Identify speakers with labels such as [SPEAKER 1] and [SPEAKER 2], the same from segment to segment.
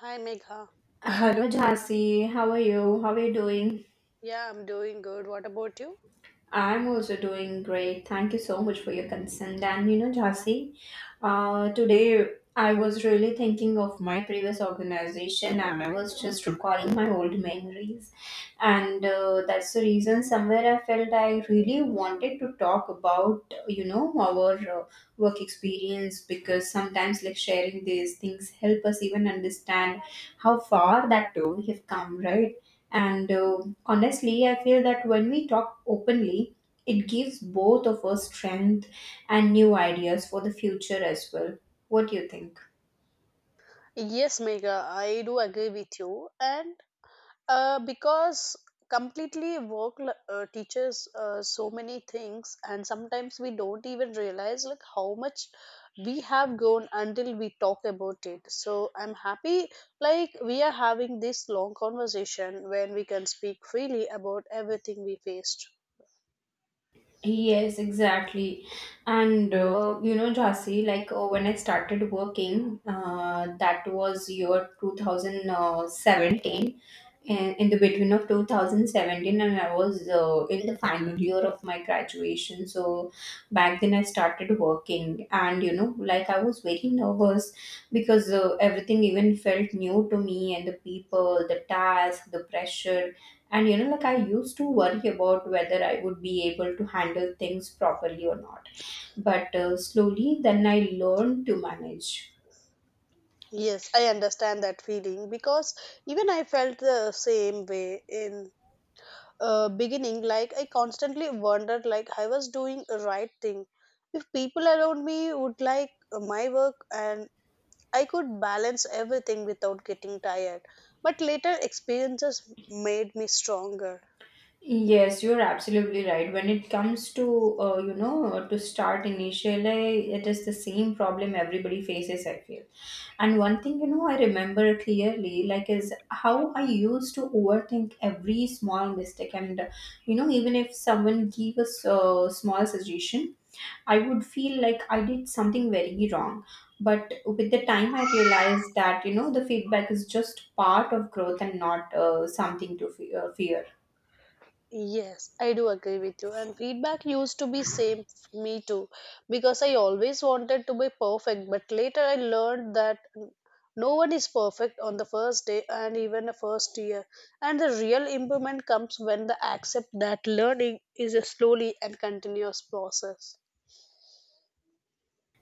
[SPEAKER 1] Hi Megha.
[SPEAKER 2] Hello, Jhansi. How are you? How are you doing?
[SPEAKER 1] Yeah, I'm doing good. What about you?
[SPEAKER 2] I'm also doing great. Thank you so much for your consent. And you know, Jhansi, today I was really thinking of my previous organization and I was just recalling my old memories. And that's the reason somewhere I felt I really wanted to talk about, you know, our work experience, because sometimes like sharing these things help us even understand how far that too we have come, right? And honestly, I feel that when we talk openly, it gives both of us strength and new ideas for the future as well. What do you think?
[SPEAKER 1] Yes, Megha, I do agree with you. And because completely teaches so many things, and sometimes we don't even realize like how much we have grown until we talk about it. So I'm happy like we are having this long conversation when we can speak freely about everything we faced.
[SPEAKER 2] Yes, exactly. And you know, Jhansi, like when I started working, that was year 2017, in the between of 2017, and I was in the final year of my graduation. So back then I started working, and you know, like I was very nervous because everything even felt new to me, and the people, the task, the pressure. And you know, like I used to worry about whether I would be able to handle things properly or not. But slowly, then I learned to manage.
[SPEAKER 1] Yes, I understand that feeling because even I felt the same way in beginning, like I constantly wondered, like I was doing the right thing if people around me would like my work, and I could balance everything without getting tired, but later experiences made me stronger.
[SPEAKER 2] Yes, you're absolutely right. When it comes to you know, to start initially, it is the same problem everybody faces, I feel. And one thing, you know, I remember clearly, like, is how I used to overthink every small mistake, and you know, even if someone gave us a small suggestion, I would feel like I did something very wrong. But with the time, I realized that you know, the feedback is just part of growth and not something to fear.
[SPEAKER 1] Yes, I do agree with you. And feedback used to be same for me too, because I always wanted to be perfect. But later I learned that no one is perfect on the first day and even the first year. And the real improvement comes when the accept that learning is a slowly and continuous process.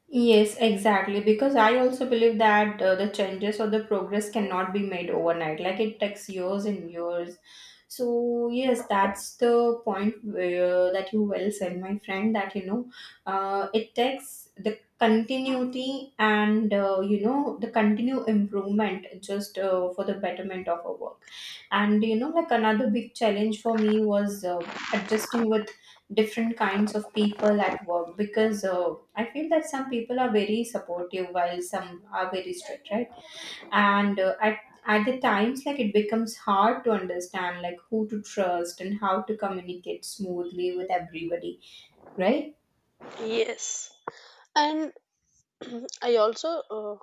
[SPEAKER 2] Yes, exactly. Because I also believe that the changes or the progress cannot be made overnight. Like it takes years and years. So yes, that's the point where that you well said, my friend. That you know, it takes the continuity and you know, the continue improvement just for the betterment of our work. And you know, like another big challenge for me was adjusting with different kinds of people at work, because I feel that some people are very supportive while some are very strict, right? And at the times, like it becomes hard to understand like who to trust and how to communicate smoothly with everybody, right?
[SPEAKER 1] Yes, and I also uh,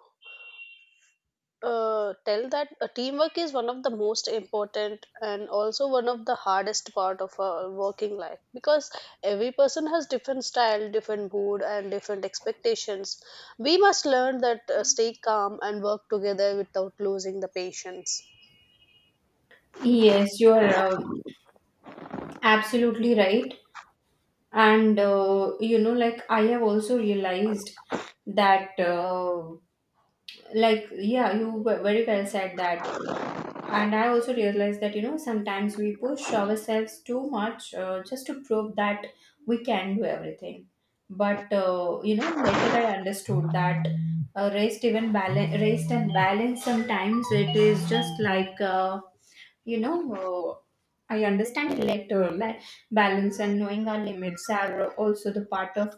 [SPEAKER 1] uh, tell that teamwork is one of the most important and also one of the hardest part of a working life, because every person has different style, different mood and different expectations. We must learn that stay calm and work together without losing the patience.
[SPEAKER 2] Yes, you are absolutely right. And you know, like I have also realized that like, yeah, you were very well said that. And I also realized that you know, sometimes we push ourselves too much just to prove that we can do everything. But you know, later I understood that rest and balance, sometimes it is just like you know, uh, I understand later, like balance and knowing our limits are also the part of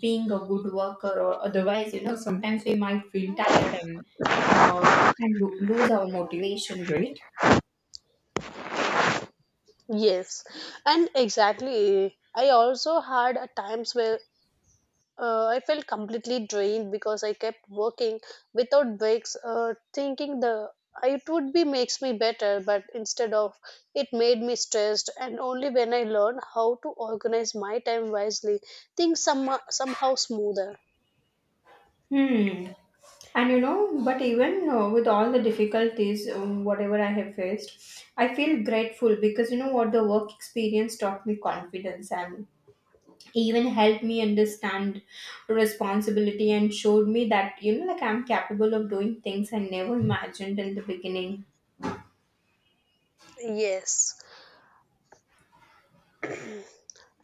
[SPEAKER 2] being a good worker. Or otherwise, you know, sometimes we might feel tired uh, and lose our motivation, right?
[SPEAKER 1] Yes, and exactly, I also had a times where, uh, I felt completely drained because I kept working without breaks, thinking the it would be makes me better, but instead of it made me stressed. And only when I learned how to organize my time wisely, things somehow smoother.
[SPEAKER 2] Hmm. And you know, but even with all the difficulties, whatever I have faced, I feel grateful because you know what, the work experience taught me confidence and even helped me understand responsibility and showed me that you know, like I'm capable of doing things I never imagined in the beginning.
[SPEAKER 1] Yes,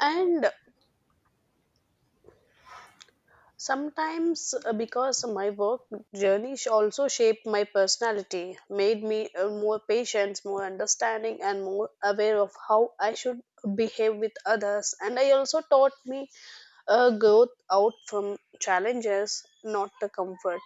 [SPEAKER 1] and sometimes, because my work also shaped my personality, made me more patient, more understanding, and more aware of how I should behave with others. And I also taught me growth out from challenges, not the comfort.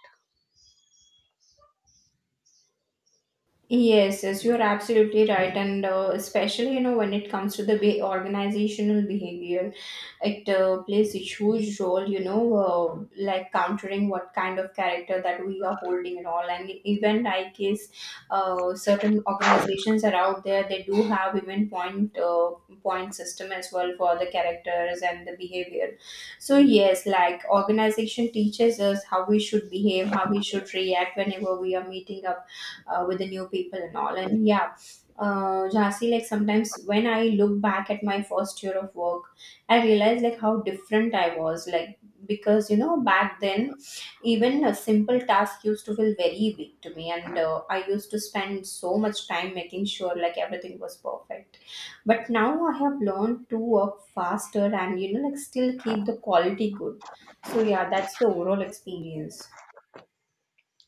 [SPEAKER 2] Yes, yes, you're absolutely right. And especially, you know, when it comes to the organizational behavior, it plays a huge role. You know, like countering what kind of character that we are holding and all, and even like is certain organizations are out there. They do have even point system as well for the characters and the behavior. So yes, like organization teaches us how we should behave, how we should react whenever we are meeting up with the new people and all. And yeah, Jhansi, like sometimes when I look back at my first year of work, I realize like how different I was. Like, because you know, back then, even a simple task used to feel very big to me, and I used to spend so much time making sure like everything was perfect. But now I have learned to work faster and you know, like still keep the quality good. So yeah, that's the overall experience.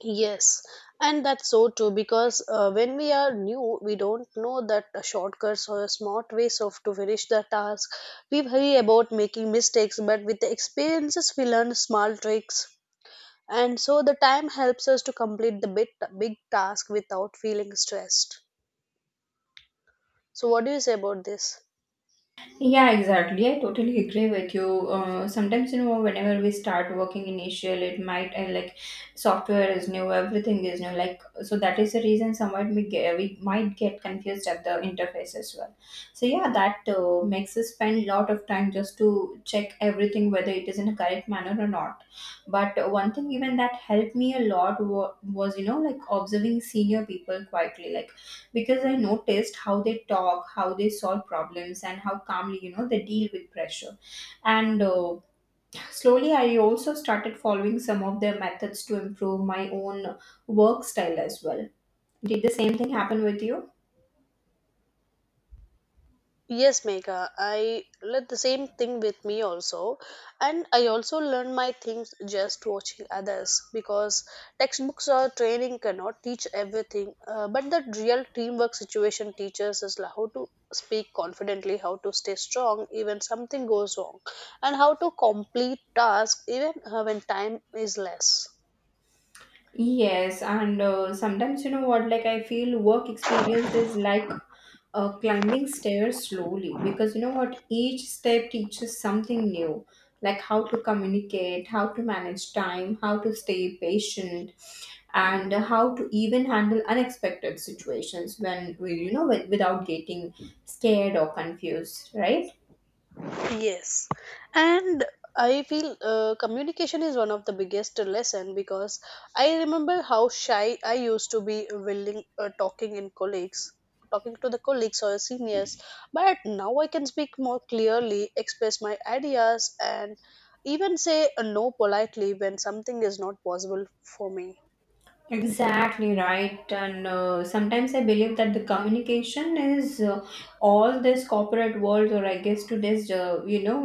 [SPEAKER 1] Yes, and that's so too, because when we are new, we don't know that the shortcuts or smart ways of to finish the task. We worry about making mistakes, but with the experiences, we learn small tricks, and so the time helps us to complete the big task without feeling stressed. So, what do you say about this?
[SPEAKER 2] Yeah, exactly. I totally agree with you. Sometimes, you know, whenever we start working initial, it might like software is new, everything is new. Like so, that is the reason somewhat we might get confused at the interface as well. So yeah, that makes us spend a lot of time just to check everything whether it is in a correct manner or not. But one thing even that helped me a lot was, you know, like observing senior people quietly, like because I noticed how they talk, how they solve problems, and how calmly, you know, they deal with pressure. And slowly, I also started following some of their methods to improve my own work style as well. Did the same thing happen with you?
[SPEAKER 1] Yes, Megha, I let the same thing with me also. And I also learn my things just watching others, because textbooks or training cannot teach everything. But the real teamwork situation teaches us how to speak confidently, how to stay strong even something goes wrong, and how to complete tasks even when time is less.
[SPEAKER 2] Yes, and sometimes you know what, like I feel work experience is like climbing stairs slowly, because you know what, each step teaches something new, like how to communicate, how to manage time, how to stay patient, and how to even handle unexpected situations when we, you know, without getting scared or confused, right?
[SPEAKER 1] Yes, and I feel communication is one of the biggest lesson, because I remember how shy I used to be willing talking in colleagues, talking to the colleagues or seniors, but now I can speak more clearly, express my ideas, and even say a no politely when something is not possible for me.
[SPEAKER 2] Exactly right. And sometimes I believe that the communication is all this corporate world, or I guess today's, you know,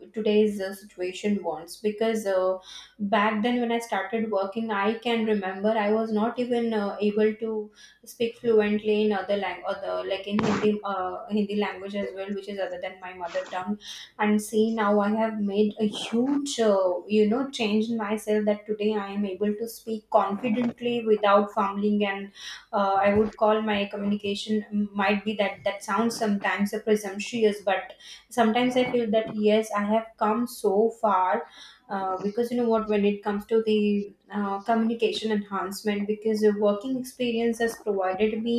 [SPEAKER 2] today's situation wants. Because back then when I started working, I can remember I was not even able to speak fluently in other language, other like in Hindi, Hindi language as well, which is other than my mother tongue. And see now, I have made a huge you know, change in myself that today I am able to speak confidently without fumbling. And I would call my communication might be that sounds sometimes a presumptuous, but sometimes I feel that yes, I have come so far. Because you know what, when it comes to the communication enhancement, because the working experience has provided me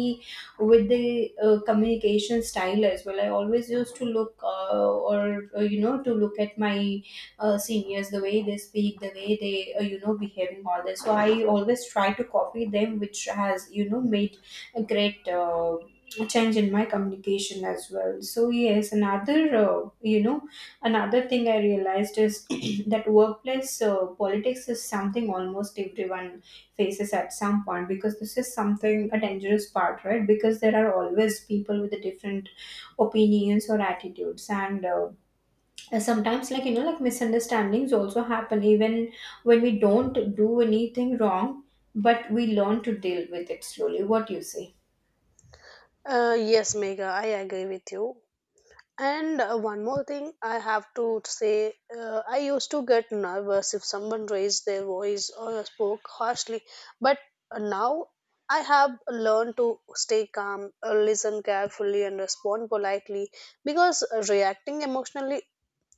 [SPEAKER 2] with the communication style as well. I always used to look or you know, to look at my seniors, the way they speak, the way they you know, behaving all this. So I always try to copy them, which has, you know, made a great. Change in my communication as well. So yes, another you know, another thing I realized is that workplace politics is something almost everyone faces at some point, because this is something a dangerous part, right? Because there are always people with the different opinions or attitudes, and sometimes like, you know, like misunderstandings also happen even when we don't do anything wrong, but we learn to deal with it slowly. What do you say?
[SPEAKER 1] Yes, Mega, I agree with you. And one more thing I have to say, I used to get nervous if someone raised their voice or spoke harshly, but now I have learned to stay calm, listen carefully, and respond politely, because reacting emotionally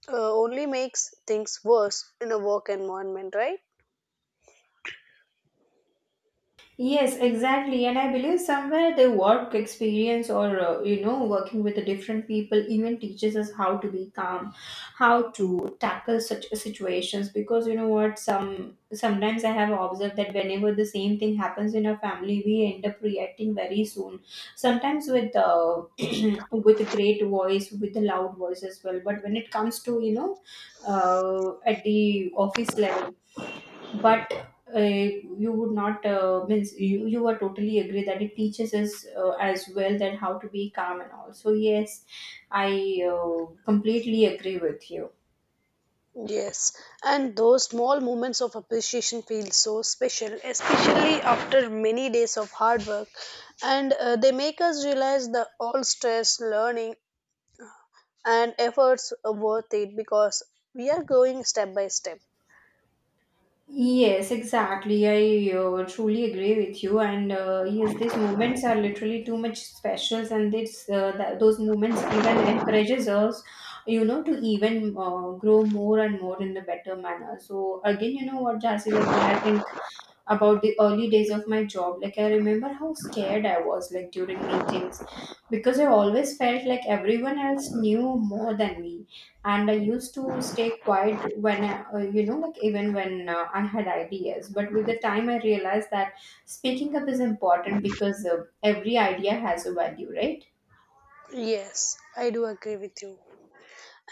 [SPEAKER 1] only makes things worse in a work environment, right?
[SPEAKER 2] Yes, exactly. And I believe somewhere the work experience or, you know, working with the different people even teaches us how to be calm, how to tackle such situations. Because you know what, some sometimes I have observed that whenever the same thing happens in a family, we end up reacting very soon. Sometimes with with a great voice, with a loud voice as well. But when it comes to, you know, at the office level, but you would not means you you are totally agree that it teaches us as well, that how to be calm and all. So yes, I completely agree with you.
[SPEAKER 1] Yes, and those small moments of appreciation feel so special, especially after many days of hard work, and they make us realize that all stress, learning, and efforts are worth it, because we are going step by step.
[SPEAKER 2] Yes, exactly, I truly agree with you. And yes, these moments are literally too much specials, and it's that those moments even encourages us, you know, to even grow more and more in the better manner. So again, you know what, Jasi, like when I think about the early days of my job, like I remember how scared I was, like during meetings, because I always felt like everyone else knew more than me, and I used to stay quiet when you know, like even when I had ideas. But with the time, I realized that speaking up is important, because every idea has a value, right?
[SPEAKER 1] Yes, I do agree with you.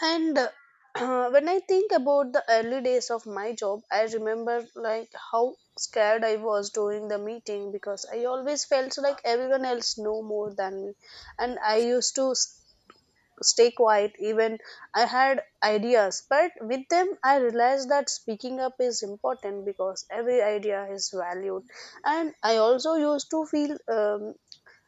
[SPEAKER 1] And when I think about the early days of my job, I remember like how scared I was during the meeting, because I always felt like everyone else know more than me, and I used to stay quiet even I had ideas. But with them, I realized that speaking up is important, because every idea is valued, and I also used to feel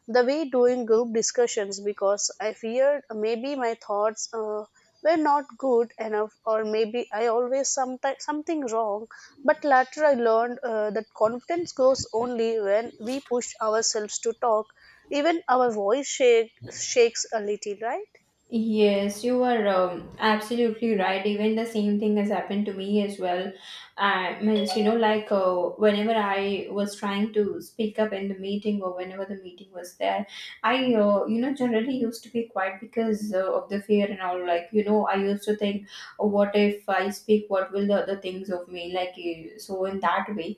[SPEAKER 1] the way doing group discussions, because I feared maybe my thoughts were not good enough, or maybe I always something wrong. But later I learned that confidence grows only when we push ourselves to talk. Even our voice shakes a little, right?
[SPEAKER 2] Yes, you are absolutely right. Even the same thing has happened to me as well. I means, you know, like whenever I was trying to speak up in the meeting or whenever the meeting was there, you know, generally used to be quiet because of the fear and all. Like, you know, I used to think, oh, what if I speak, what will the other things of me? Like, so in that way.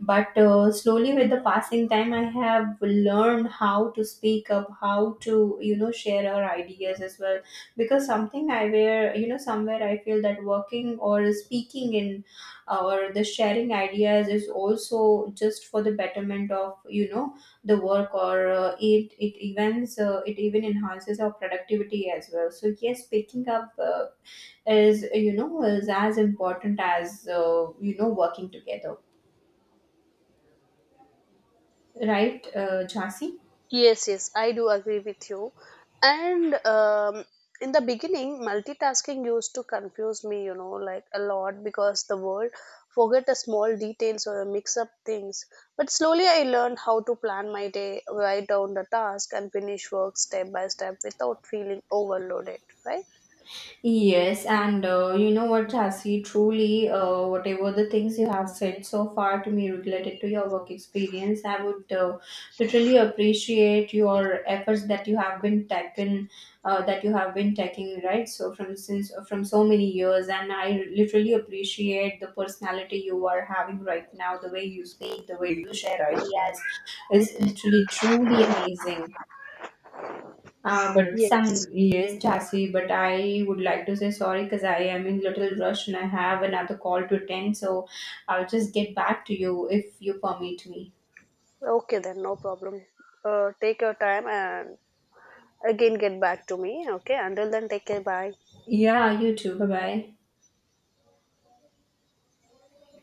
[SPEAKER 2] But slowly, with the passing time, I have learned how to speak up, how to you know, share our ideas as well. Because something I, where you know, somewhere I feel that working or speaking in or the sharing ideas is also just for the betterment of you know, the work. Or it evens it even enhances our productivity as well. So yes, picking up is, you know, is as important as you know, working together, right Jhansi?
[SPEAKER 1] Yes, yes, I do agree with you. And in the beginning, multitasking used to confuse me, you know, like a lot, because the word forget the small details or mix up things. But slowly I learned how to plan my day, write down the task, and finish work step by step without feeling overloaded, right?
[SPEAKER 2] Yes, and you know what, Jhansi, truly, whatever the things you have said so far to me related to your work experience, I would literally appreciate your efforts that you have been taken, that you have been taking, right? So from since from so many years, and I literally appreciate the personality you are having right now, the way you speak, the way you share ideas, is literally truly amazing. But
[SPEAKER 1] Yes.
[SPEAKER 2] some yes, Jhansi, but I would like to say sorry because I am in little rush and I have another call to attend. So I'll just get back to you if you permit me.
[SPEAKER 1] Okay, then, no problem. Take your time and again get back to me. Okay, until then, take care. Bye.
[SPEAKER 2] Yeah, you too. Bye bye.